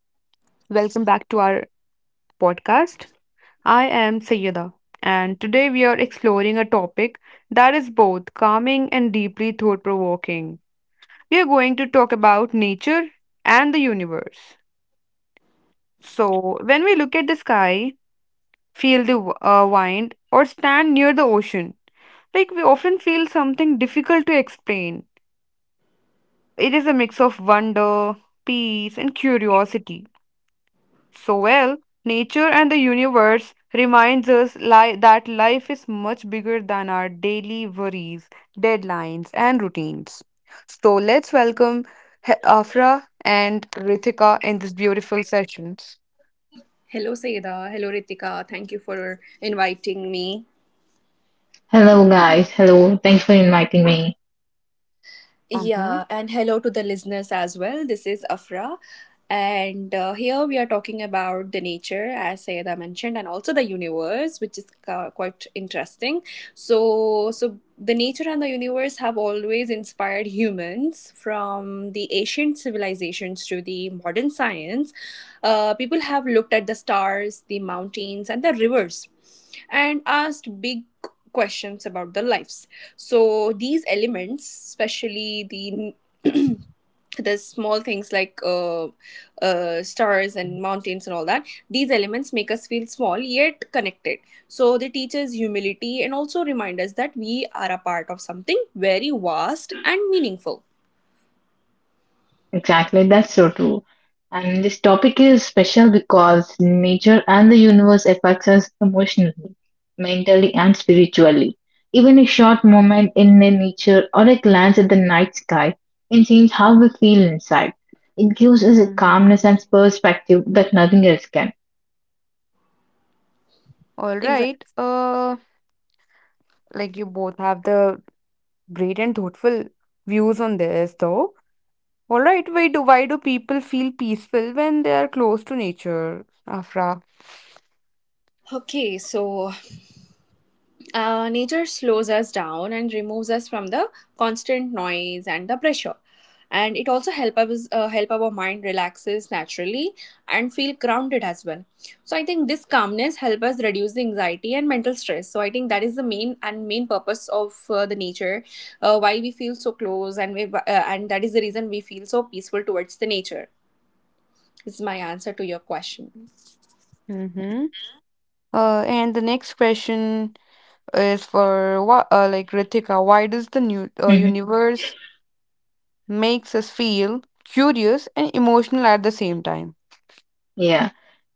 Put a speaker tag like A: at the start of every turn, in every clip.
A: Welcome back to our podcast. I am Sayyeda, and today we are exploring a topic that is both calming and deeply thought provoking. We are going to talk about nature and the universe. So, when we look at the sky, feel the wind, or stand near the ocean, like we often feel something difficult to explain. It is a mix of wonder, peace, and curiosity. So well, nature and the universe reminds us that life is much bigger than our daily worries, deadlines and routines. So let's welcome Afra and Ritika in this beautiful sessions.
B: Hello, Sayeda. Hello, Ritika. Thank you for inviting me.
C: Hello, guys. Hello. Thanks for inviting me.
A: Uh-huh.
B: Yeah, and hello to the listeners as well. This is Afra. And here we are talking about the nature, as Sayeda mentioned, and also the universe, which is quite interesting. So the nature and the universe have always inspired humans, from the ancient civilizations to the modern science. People have looked at the stars, the mountains, and the rivers and asked big questions about their lives. So, these elements, especially the the small things like stars and mountains and all that, these elements make us feel small yet connected, so they teach us humility and also remind us that we are a part of something very vast and meaningful.
C: Exactly. That's so true. And this topic is special because nature and the universe affects us emotionally, mentally, and spiritually. Even a short moment in the nature or a glance at the night sky can change how we feel inside. It gives us a calmness
A: Mm-hmm.
C: and perspective that nothing else can.
A: All
B: Exactly.
A: right. Like you both have the great and thoughtful views on this, though. All right. Why do people feel peaceful when they are close to nature, Afra?
B: Okay, so nature slows us down and removes us from the constant noise and the pressure, and it also help us help our mind relaxes naturally and feel grounded as well. So I think this calmness help us reduce the anxiety and mental stress. So I think that is the main purpose of the nature, why we feel so close, and we and that is the reason we feel so peaceful towards the nature. Is my answer to your question.
A: Mm-hmm. And the next question is for what, like Ritika, why does the new
C: Mm-hmm.
A: universe makes us feel curious and emotional at the same time?
C: Yeah,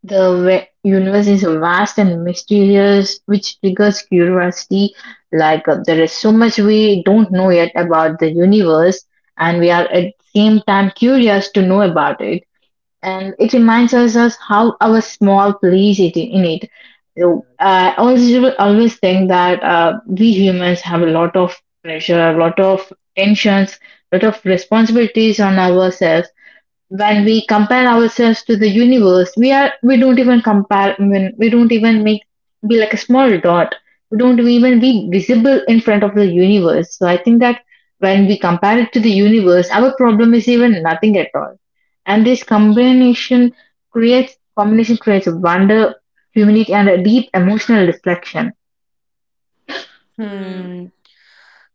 C: the universe is vast and mysterious, which triggers curiosity. Like there is so much we don't know yet about the universe, and we are at the same time curious to know about it. And it reminds us how our small place it in it. So I always think that we humans have a lot of pressure, a lot of tensions, a lot of responsibilities on ourselves. When we compare ourselves to the universe, we don't even compare. When we don't even make, be like a small dot, we don't even be visible in front of the universe. So I think that when we compare it to the universe, our problem is even nothing at all. And this combination creates wonder, humility, and a deep emotional reflection.
B: Hmm.
A: Hmm.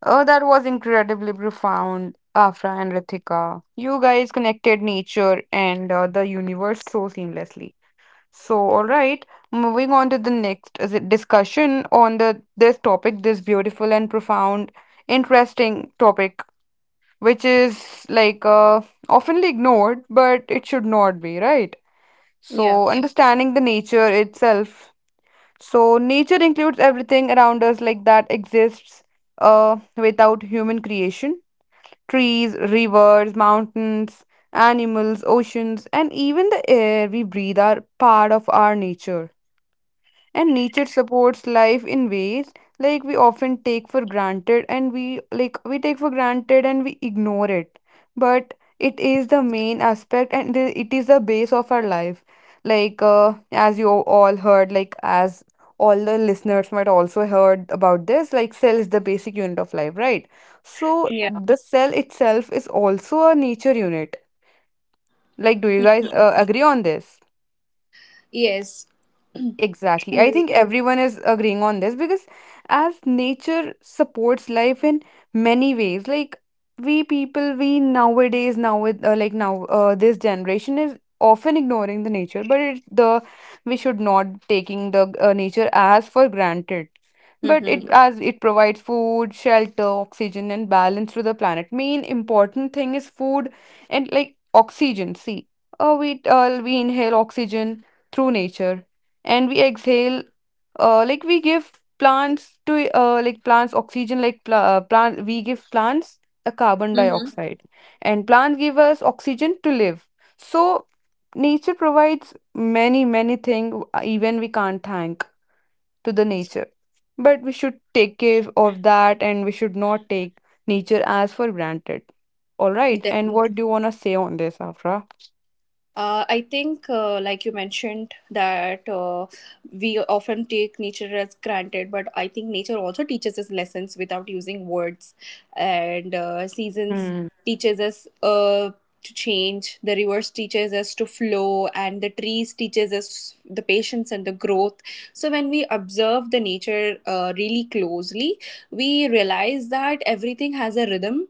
A: Oh, that was incredibly profound, Afra and Ritika. You guys connected nature and the universe so seamlessly. So, all right, moving on to the next is it discussion on the this topic, this beautiful and profound, interesting topic, which is oftenly ignored, but it should not be, right?
B: yeah
A: So, understanding the nature itself. So, nature includes everything around us, like that exists without human creation. Trees, rivers, mountains, animals, oceans, and even the air we breathe are part of our nature, and nature supports life in ways like we often take for granted and we, like we take for granted and we ignore it, but it is the main aspect and it is the base of our life, like uh, as you all heard, like as all the listeners might also heard about this, like cell is the basic unit of life, right? So
B: yeah.
A: the cell itself is also a nature unit. Like do you guys agree on this?
B: Yes.
A: Exactly. I think everyone is agreeing on this because as nature supports life in many ways, like we people, we nowadays, now with like now, this generation is often ignoring the nature, but it, the we should not taking the nature as for granted. But it,
B: Mm-hmm.
A: yeah, as it provides food, shelter, oxygen, and balance to the planet. Main important thing is food and like oxygen. See, we inhale oxygen through nature, and we exhale, like we give plants to, like plants oxygen like pl- plant we give plants a carbon
B: Mm-hmm.
A: dioxide, and plants give us oxygen to live. So nature provides many many things, even we can't thank to the nature, but we should take care of that, and we should not take nature as for granted. All right, and what do you want to say on this, Afra?
B: I think, like you mentioned, that we often take nature as granted, but I think nature also teaches us lessons without using words, and seasons
A: Hmm.
B: teaches us to change. The rivers teaches us to flow, and the trees teaches us the patience and the growth. So when we observe the nature really closely, we realize that everything has a rhythm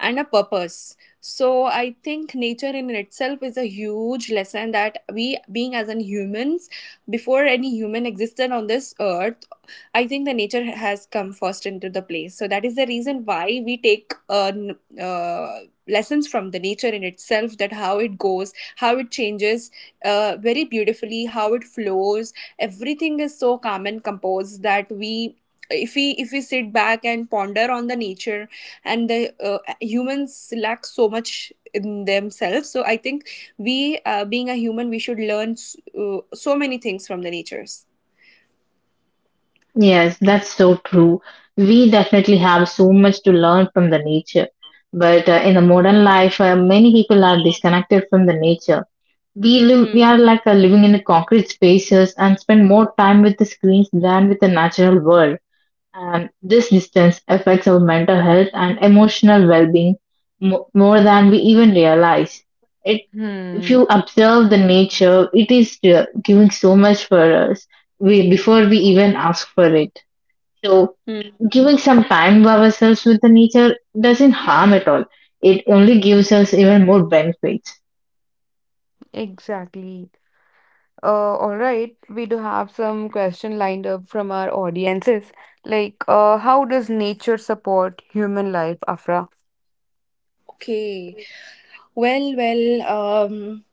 B: and a purpose. So I think nature in itself is a huge lesson that we being as in humans, before any human existed on this earth, I think the nature has come first into the place. So that is the reason why we take lessons from the nature in itself, that how it goes, how it changes very beautifully, how it flows. Everything is so calm and composed that we, if we sit back and ponder on the nature, and the humans lack so much in themselves. So I think we, being a human, we should learn so many things from the natures.
C: Yes, that's so true. We definitely have so much to learn from the nature. But in the modern life, many people are disconnected from the nature. We live, we are
B: Hmm.
C: like living in the concrete spaces and spend more time with the screens than with the natural world. And this distance affects our mental health and emotional well-being mo more than we even realize. It, if
A: Hmm.
C: you observe the nature, it is giving so much for us. We, before we even ask for it. So,
B: Hmm.
C: giving some time to ourselves with the nature doesn't harm at all. It only gives us even more benefits.
A: Exactly. All right, we do have some question lined up from our audiences. Like, how does nature support human life, Afra?
B: Okay. Well,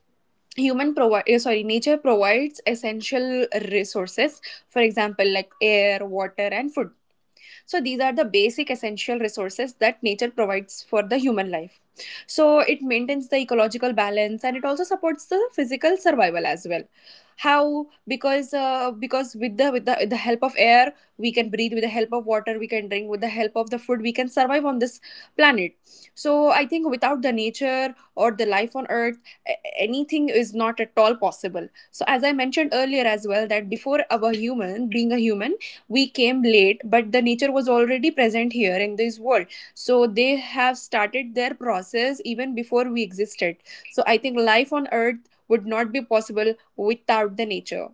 B: human provide sorry, nature provides essential resources, for example, like air, water, and food. So these are the basic essential resources that nature provides for the human life. So it maintains the ecological balance and it also supports the physical survival as well. How? Because with the help of air we can breathe. With the help of water we can drink. With the help of the food we can survive on this planet. So I think without the nature or the life on Earth, anything is not at all possible. So, as I mentioned earlier as well, that before our human, being a human, we came late, but the nature was already present here in this world. So, they have started their process even before we existed. So, I think life on earth would not be possible without the nature.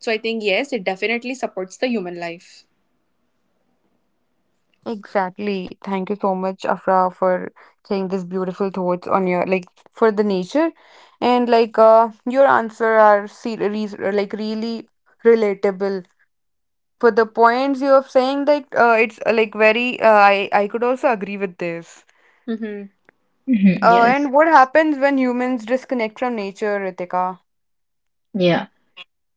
B: So, I think, yes, it definitely supports the human life.
A: Exactly. Thank you so much, Afra, for saying these beautiful thoughts on your like for the nature, and your answer are series like really relatable. For the points you are saying, like it's like very I could also agree with this.
B: Mm-hmm.
C: Mhm, yes.
A: And what happens when humans disconnect from nature, Ritika?
C: Yeah.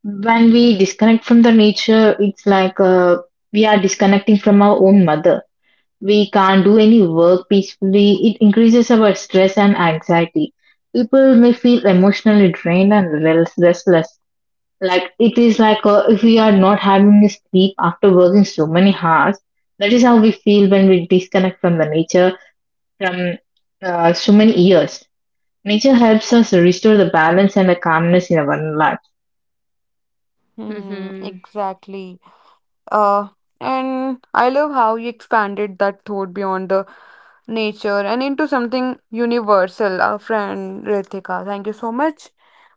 C: When we disconnect from the nature, it's like we are disconnecting from our own mother. We can't do any work peacefully. It increases our stress and anxiety. People may feel emotionally drained and restless. Like it is like if we are not having a sleep after working so many hours, that is how we feel when we disconnect from the nature from so many years. Nature helps us restore the balance and the calmness in our life.
A: Hmm,
B: Mm-hmm.
A: exactly. Uh, and I love how you expanded that thought beyond the nature and into something universal, our friend Ritika. Thank you so much.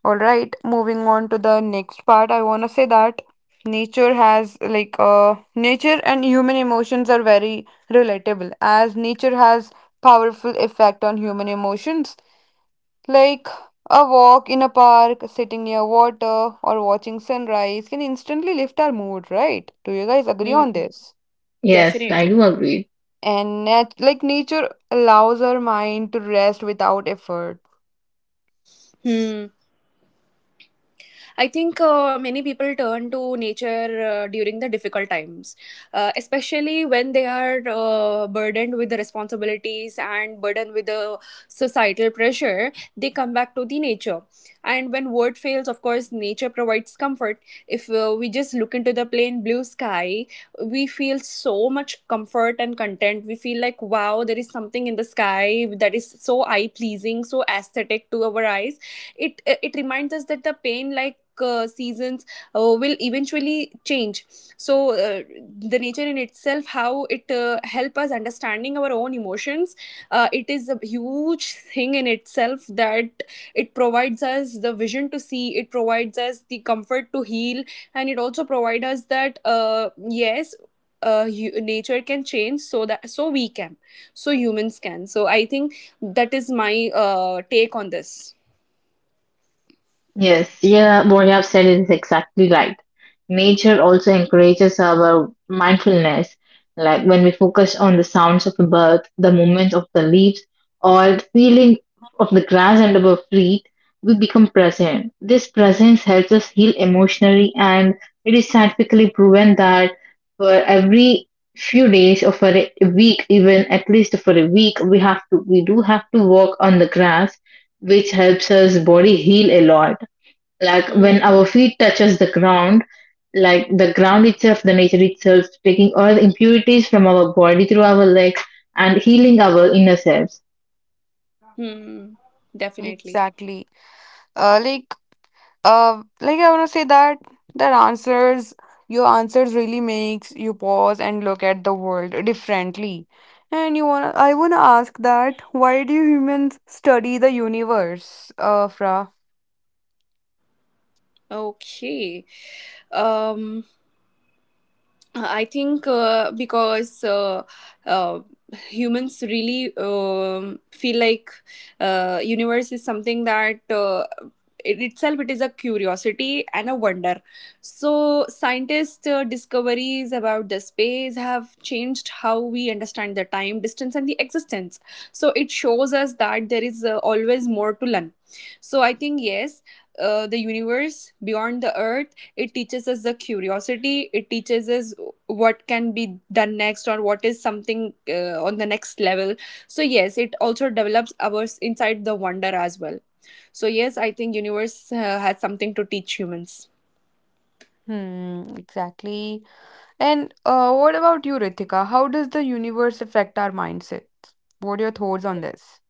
A: All right, moving on to the next part. I want to say that nature has nature and human emotions are very relatable, as nature has powerful effect on human emotions, like a walk in a park, sitting near water, or watching sunrise can instantly lift our mood, right? Do you guys agree on this?
C: Yes, I
B: Definitely.
C: do agree.
A: And like nature allows our mind to rest without effort.
B: Hmm. I think many people turn to nature during the difficult times, especially when they are burdened with the responsibilities and burdened with the societal pressure. They come back to the nature, and when word fails, of course, nature provides comfort. If we just look into the plain blue sky, we feel so much comfort and content. We feel like wow, there is something in the sky that is so eye pleasing, so aesthetic to our eyes. It reminds us that the pain, like seasons will eventually change. So the nature in itself, how it help us understanding our own emotions, it is a huge thing in itself, that it provides us the vision to see, it provides us the comfort to heal, and it also provides us that yes, nature can change, so that so we can, so humans can. So I think that is my take on this.
C: Yes, yeah, what you have said is exactly right. Nature also encourages our mindfulness, like when we focus on the sounds of the bird, the movement of the leaves, or the feeling of the grass under our feet, we become present. This presence helps us heal emotionally, and it is scientifically proven that for every few days or for a week, even at least for a week, we do have to walk on the grass, which helps us body heal a lot. Like when our feet touches the ground, like the ground itself, the nature itself taking all the impurities from our body through our legs and healing our inner selves.
B: Mm-hmm. Definitely.
A: Exactly. Uh, like I wanna say that that answers your answers really makes you pause and look at the world differently. And you wanna I wanna ask that why do humans study the universe, Fra?
B: Okay. Um, I think because uh, humans really feel like universe is something that it itself, it is a curiosity and a wonder. So scientists' discoveries about the space have changed how we understand the time, distance, and the existence. So it shows us that there is always more to learn. So I think yes, the universe beyond the earth, it teaches us the curiosity, it teaches us what can be done next, or what is something on the next level. So yes, it also develops ours inside the wonder as well. So yes, I think universe has something to teach humans.
A: Hmm, exactly. And what about you, Ritika? How does the universe affect our mindsets? What are your thoughts on this?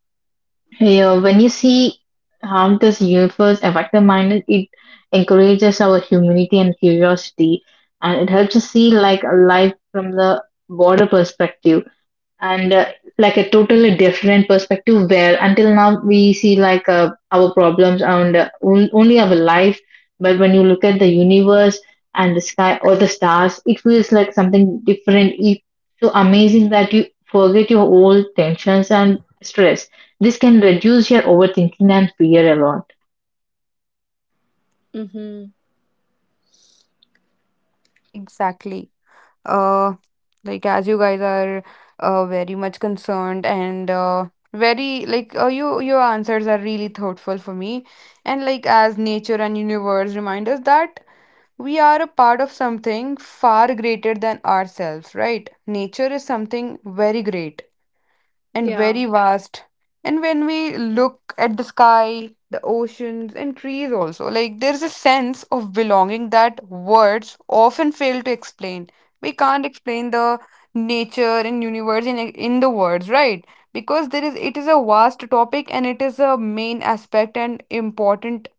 C: Yeah, when you see how does universe affect the mind, it encourages our humanity and curiosity, and it helps us see like life from the broader perspective, and like a totally different perspective where until now we see like our problems and only our life. But when you look at the universe and the sky or the stars, it feels like something different. It's so amazing that you forget your old tensions and stress. This can reduce your overthinking and fear a lot.
B: Mm-hmm.
A: Exactly. Uh, like as you guys are very much concerned and very like you your answers are really thoughtful for me. And like as nature and universe remind us that we are a part of something far greater than ourselves, right? Nature is something very great and
B: Yeah.
A: very vast. And when we look at the sky, the oceans, and trees, also, like there's a sense of belonging that words often fail to explain. We can't explain the nature and universe in the words, right? Because there is it is a vast topic, and it is a main aspect and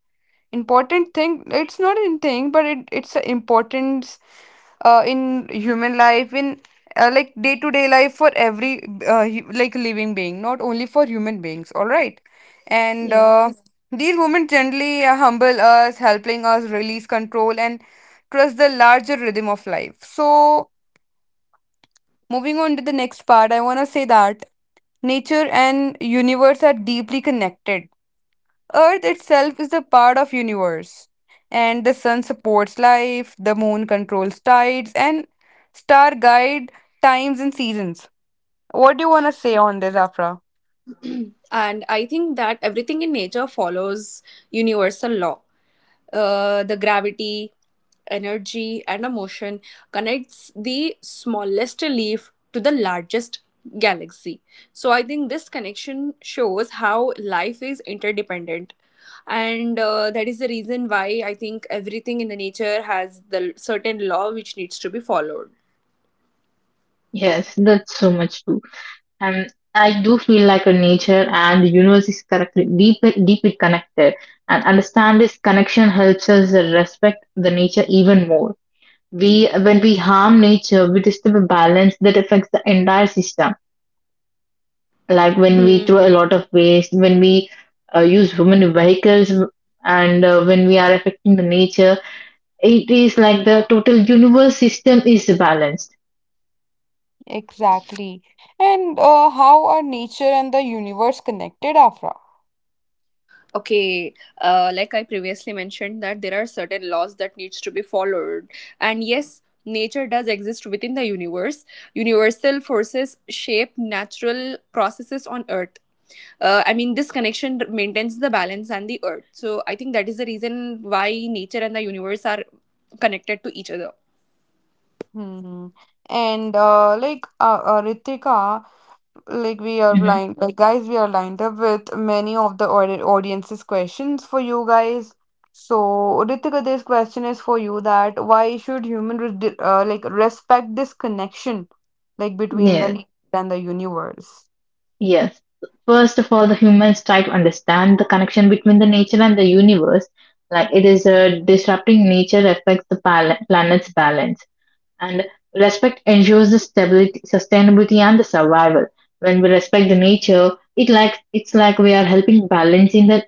A: important thing. It's not a thing, but it's an important, in human life, in, like day to day life, for every, like living being, not only for human beings. All right, and
B: Yeah.
A: these women gently humble us, helping us release control and trust the larger rhythm of life. So moving on to the next part, I want to say that nature and universe are deeply connected. Earth itself is a part of universe, and the sun supports life, the moon controls tides, and star guide times and seasons. What do you want to say on this, Afra?
B: And I think that everything in nature follows universal law. The gravity, energy, and motion connects the smallest leaf to the largest galaxy. So I think this connection shows how life is interdependent, and that is the reason why I think everything in the nature has the certain law which needs to be followed.
C: Yes, that's so much true. And I do feel like a nature and the universe is correctly deep, deeply connected. And understand this connection helps us respect the nature even more. We, when we harm nature, we disturb a balance that affects the entire system. Like when we
B: Hmm.
C: throw a lot of waste, when we use human vehicles, and when we are affecting the nature, it is like the total universe system is balanced.
A: Exactly. And how are nature and the universe connected, Afra?
B: Okay. Like I previously mentioned, that there are certain laws that needs to be followed. And yes, nature does exist within the universe. Universal forces shape natural processes on earth. I mean, this connection maintains the balance and the earth. So I think that is the reason why nature and the universe are connected to each other.
A: Hmm. And Ritika, like we are
C: Hmm
A: blind like guys, we are lined up with many of the audience's questions for you guys, so Ritika, this question is for you, that why should human like respect this connection, like between the
C: Yes.
A: nature and the universe.
C: Yes. First of all, the humans try to understand the connection between the nature and the universe. Like it is a disrupting nature affects the planet's balance, and respect ensures the stability, sustainability, and the survival. When we respect the nature, it like it's like we are helping balancing the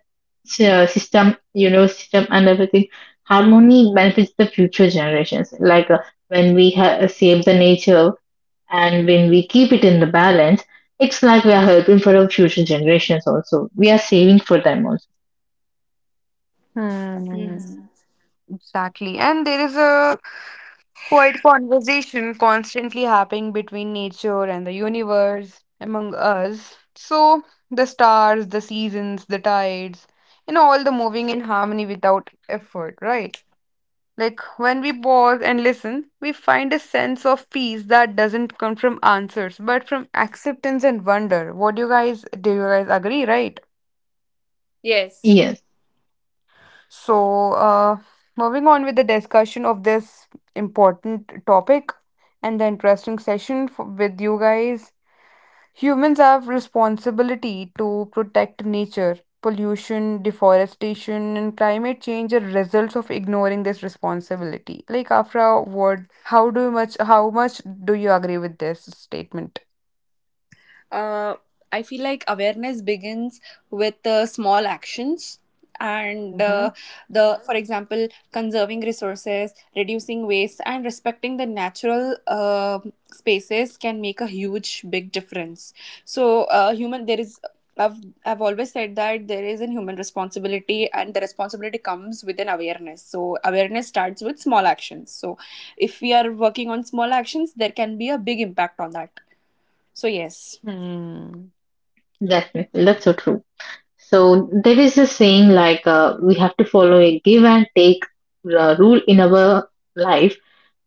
C: system, universe system, and everything. Harmony benefits the future generations. Like when we save the nature, and when we keep it in the balance, it's like we are helping for our future generations also. We are saving for them also.
A: Hmm.
B: Mhm.
A: Exactly. And there is a quiet conversation constantly happening between nature and the universe among us. So, the stars, the seasons, the tides, and all the moving in harmony without effort, right? Like when we pause and listen, we find a sense of peace that doesn't come from answers, but from acceptance and wonder. What do you guys, do you guys agree, right?
B: Yes.
C: Yes,
A: So, moving on with the discussion of this important topic and the interesting session f with you guys. Humans have responsibility to protect nature. Pollution, deforestation, and climate change are results of ignoring this responsibility. Like after a word, how much do you agree with this statement?
B: Uh, I feel like awareness begins with small actions, and
A: Mm-hmm.
B: the for example, conserving resources, reducing waste, and respecting the natural spaces can make a huge big difference. So human, I've, I've always said that there is a human responsibility, and the responsibility comes with an awareness. So awareness starts with small actions. So if we are working on small actions, there can be a big impact on that. So yes.
A: Hmm.
C: definitely. That's so true. So there is a saying like we have to follow a give and take rule in our life.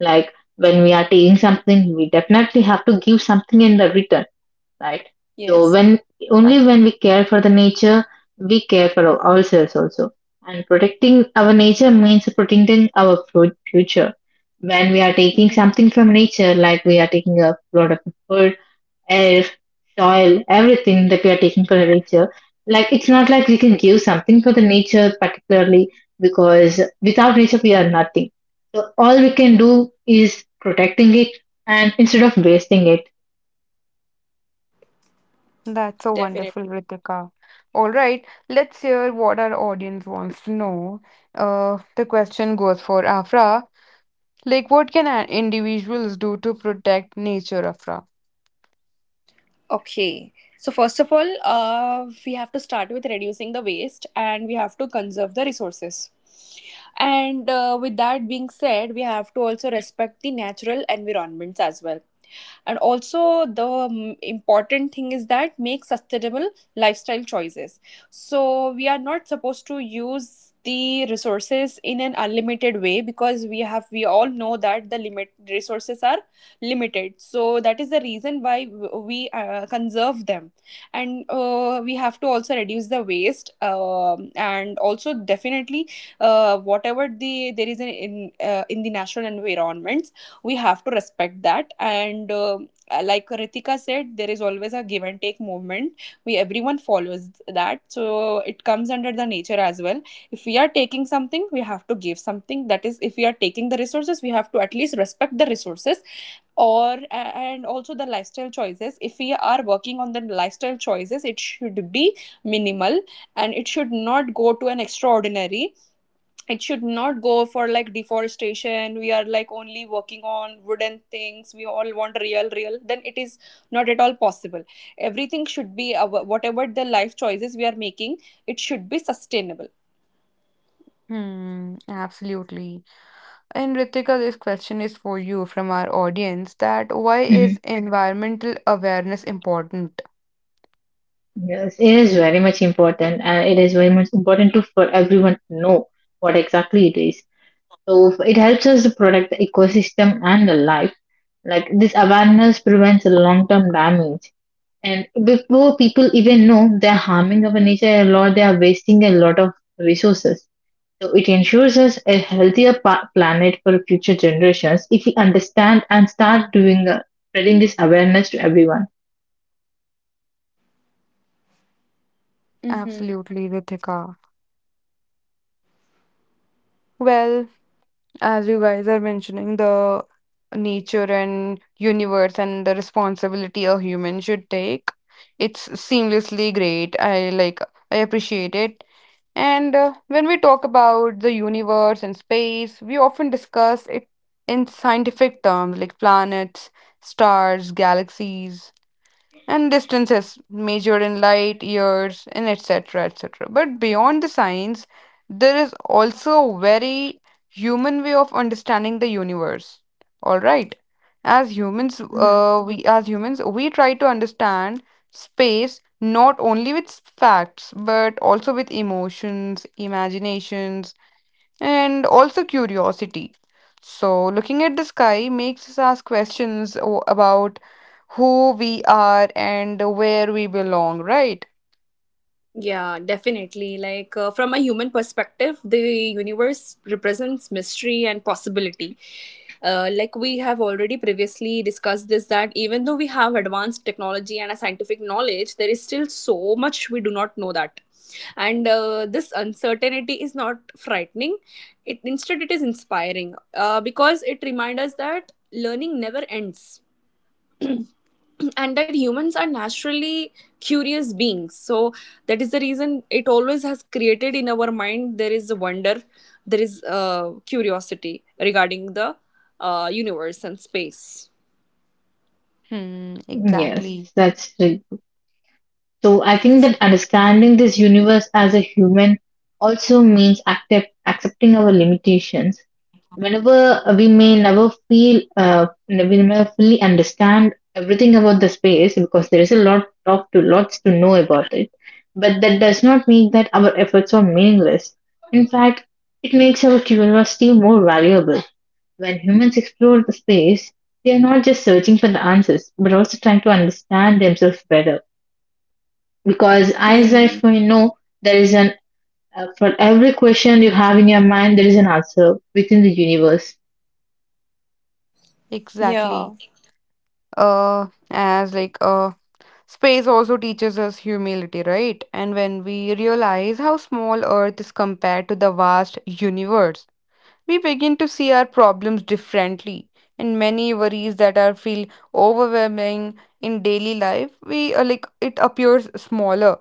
C: Like when we are taking something, we definitely have to give something in the return. Right? So
B: Yes.
C: when only when we care for the nature, we care for ourselves also. And protecting our nature means protecting our future. When we are taking
B: Hmm.
C: something from nature, like we are taking a lot of food, air, soil, everything that we are taking from the nature, like it's not like we can give something for the nature particularly, because without nature we are nothing. So all we can do is protecting it and instead of wasting
A: That's so
B: Definitely.
A: wonderful, Ritika. All right, let's hear what our audience wants to know. The question goes for Afra. Like, what can individuals do to protect nature, Afra?
B: Okay. So first of all, we have to start with reducing the waste and we have to conserve the resources. And with that being said, we have to also respect the natural environments as well. And also the important thing is that make sustainable lifestyle choices. So we are not supposed to use the resources in an unlimited way, because we have, we all know that the limit resources are limited. So that is the reason why we conserve them. And we have to also reduce the waste, and also definitely whatever the there is an in the natural environment, we have to respect that. And like Ritika said, there is always a give and take movement we everyone follows. That so it comes under the nature as well. If we are taking something, we have to give something. That is, if we are taking the resources, we have to at least respect the resources. Or and also the lifestyle choices, if we are working on the lifestyle choices, it should be minimal, and it should not go to an extraordinary, it should not go for like deforestation. We are like only working on wooden things, we all want real, then it is not at all possible. Everything should be our, whatever the life choices we are making, it should be sustainable.
A: Hmm, absolutely. And Ritika, this question is for you from our audience, that why is
C: it.
A: environmental awareness important?
C: Yes, it is very much important, and it is very much important to for everyone to know what exactly it is. So it helps us to protect the ecosystem and the life. Like this awareness prevents long-term damage, and before people even know, they're harming our nature a lot. They are wasting a lot of resources. So it ensures us a healthier planet for future generations if we understand and start doing spreading this awareness to everyone.
B: Mm-hmm.
A: Absolutely, Ritika. Well, as you guys are mentioning, the nature and universe and the responsibility a human should take, it's seamlessly great. I appreciate it. And when we talk about the universe and space, we often discuss it in scientific terms like planets, stars, galaxies, and distances measured in light years and etc etc. But beyond the science, there is also a very human way of understanding the universe. All right, as humans, we try to understand space not only with facts, but also with emotions, imaginations, and also curiosity. So, looking at the sky makes us ask questions about who we are and where we belong, right?
B: Yeah, definitely. Like, from a human perspective, the universe represents mystery and possibility. Like we have already previously discussed this, that even though we have advanced technology and a scientific knowledge, there is still so much we do not know that. And this uncertainty is not frightening, it instead it is inspiring, because it reminds us that learning never ends, and that humans are naturally curious beings. So that is the reason it always has created in our mind, there is wonder, there is curiosity regarding the universe and space.
A: Hmm,
C: Yes,
A: exactly,
C: that's. So I think that understanding this universe as a human also means accepting our limitations. Whenever we may never feel, we never fully understand everything about the space, because there is a lot of to lots to know about it. But that does not mean that our efforts are meaningless. In fact, it makes our curiosity more valuable. When humans explore the space, they are not just searching for the answers, but also trying to understand themselves better, because as I
B: Hmm.
C: know, there is an for every question you have in your mind, there is an answer within the universe.
A: exactly.
B: Yeah.
A: As like Space also teaches us humility, right? And when we realize how small Earth is compared to the vast universe, we begin to see our problems differently, and many worries that are feel overwhelming in daily life we, like it appears smaller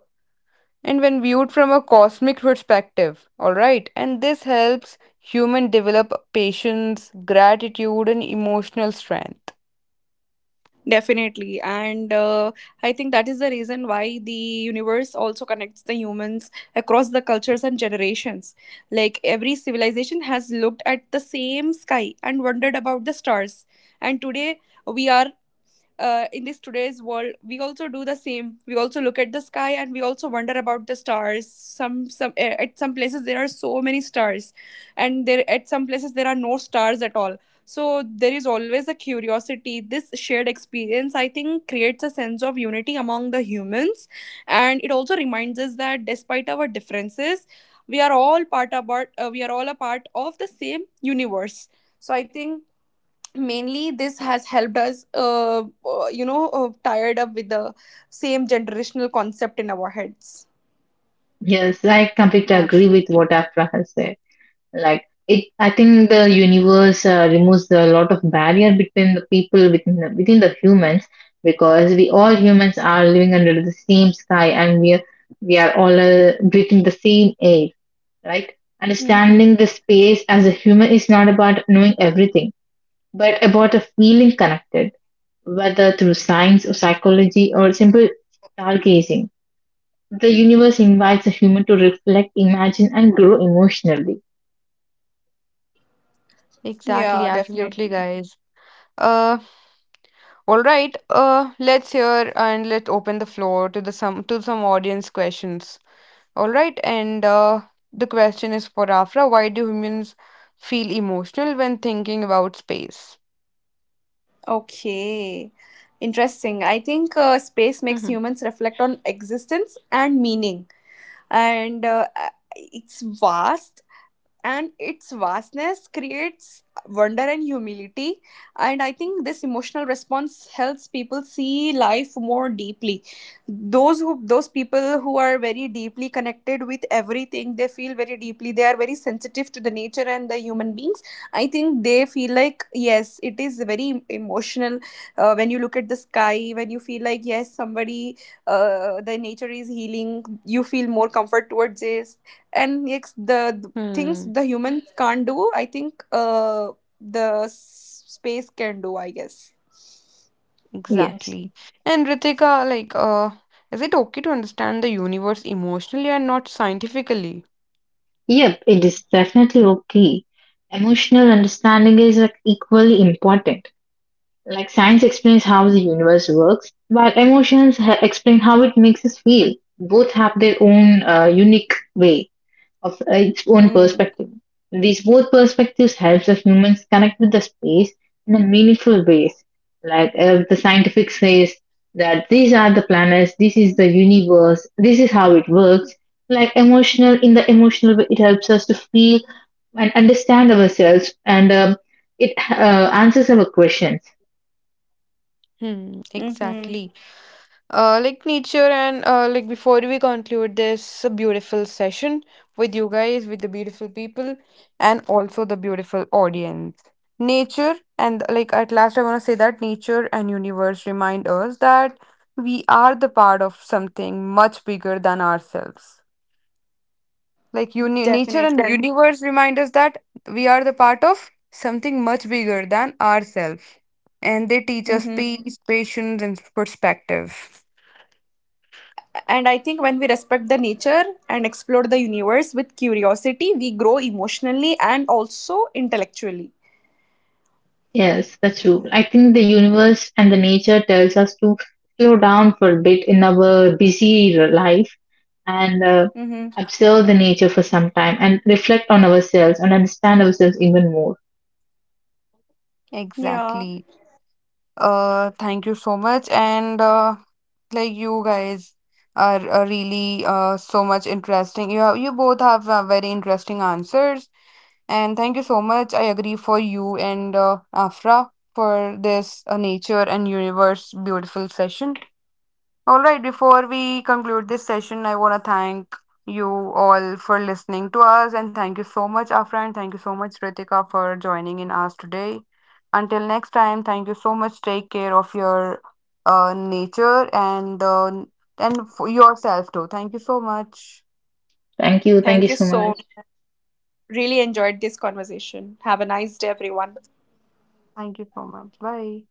A: and when viewed from a cosmic perspective. All right, and this helps human develop patience, gratitude and emotional strength.
B: Definitely. And I think that is the reason why the universe also connects the humans across the cultures and generations. Like every civilization has looked at the same sky and wondered about the stars. And today we are in this today's world, we also do the same, we also look at the sky and we also wonder about the stars. At some places there are so many stars, and there at some places there are no stars at all. So there is always a curiosity. This shared experience, I think, creates a sense of unity among the humans, and it also reminds us that despite our differences, we are all a part of the same universe. So I think mainly this has helped us tired up with the same generational concept in our heads.
C: Yes, I completely agree with
A: Absolutely,
C: what Afra has said. Like it, I think the universe removes a lot of barrier between the people within the humans, because we all humans are living under the same sky, and we are all breathing the same air, right?
B: Hmm.
C: Understanding the space as a human is not about knowing everything, but about a feeling connected, whether through science or psychology or simple stargazing. The universe invites a human to reflect, imagine, and grow emotionally.
A: exactly,
B: Yeah. Definitely.
A: absolutely guys. Uh all right uh let's hear and let's open the floor to the some audience questions. All right, and the question is for Afra, why do humans feel emotional when thinking about space?
B: Okay, interesting. I think space makes
A: Hmm.
B: humans reflect on existence and meaning. And it's vast, and its vastness creates wonder and humility. And I think this emotional response helps people see life more deeply. Those who, those people who are very deeply connected with everything, they feel very deeply, they are very sensitive to the nature and the human beings. I think they feel like yes, it is very emotional. When you look at the sky, when you feel like yes, somebody, the nature is healing, you feel more comfort towards this. And yes, the things
A: Hmm,
B: the humans can't do, I think the space can do, I guess.
C: Yes.
A: exactly. And Ritika, like, is it okay to understand the universe emotionally and not scientifically?
C: Yep, it is definitely okay. Emotional understanding is like equally important. Like science explains how the universe works, while emotions explain how it makes us feel. Both have their own unique way. Of its own
B: Hmm.
C: perspective. These both perspectives helps us humans connect with the space in a meaningful ways. Like if the scientific says that these are the planets, this is the universe, this is how it works. Like emotional, in the emotional way, it helps us to feel and understand ourselves, and it answers our questions.
A: Hmm,
B: Mm-hmm.
A: exactly. Like nature and Like before we conclude this beautiful session with you guys, with the beautiful people, and also the beautiful audience. Nature and Like at last, I want to say that nature and universe remind us that we are the part of something much bigger than ourselves. Like uni- nature and Yes,
B: Definitely.
A: universe remind us that we are the part of something much bigger than ourselves, and they teach us
B: Mm-hmm.
A: peace, patience, and perspective.
B: And I think when we respect the nature and explore the universe with curiosity, we grow emotionally and also intellectually.
C: Yes, that's true. I think the universe and the nature tells us to slow down for a bit in our busy life and
B: Mm-hmm.
C: observe the nature for some time and reflect on ourselves and understand ourselves even more.
B: Yeah,
A: Exactly. Thank you so much. And like you guys are really so much interesting. You both have very interesting answers. And thank you so much. I agree for you and Afra for this nature and universe beautiful session. All right, before we conclude this session, I want to thank you all for listening to us, and thank you so much, Afra, and thank you so much, Ritika, for joining in us today. Until next time, thank you so much. Take care of your nature and for yourself too. Thank you so much.
C: Thank you. Thank you
B: thank you
C: so
B: so,
C: much.
B: really enjoyed this conversation. Have a nice day, everyone.
A: Thank you so much. Bye.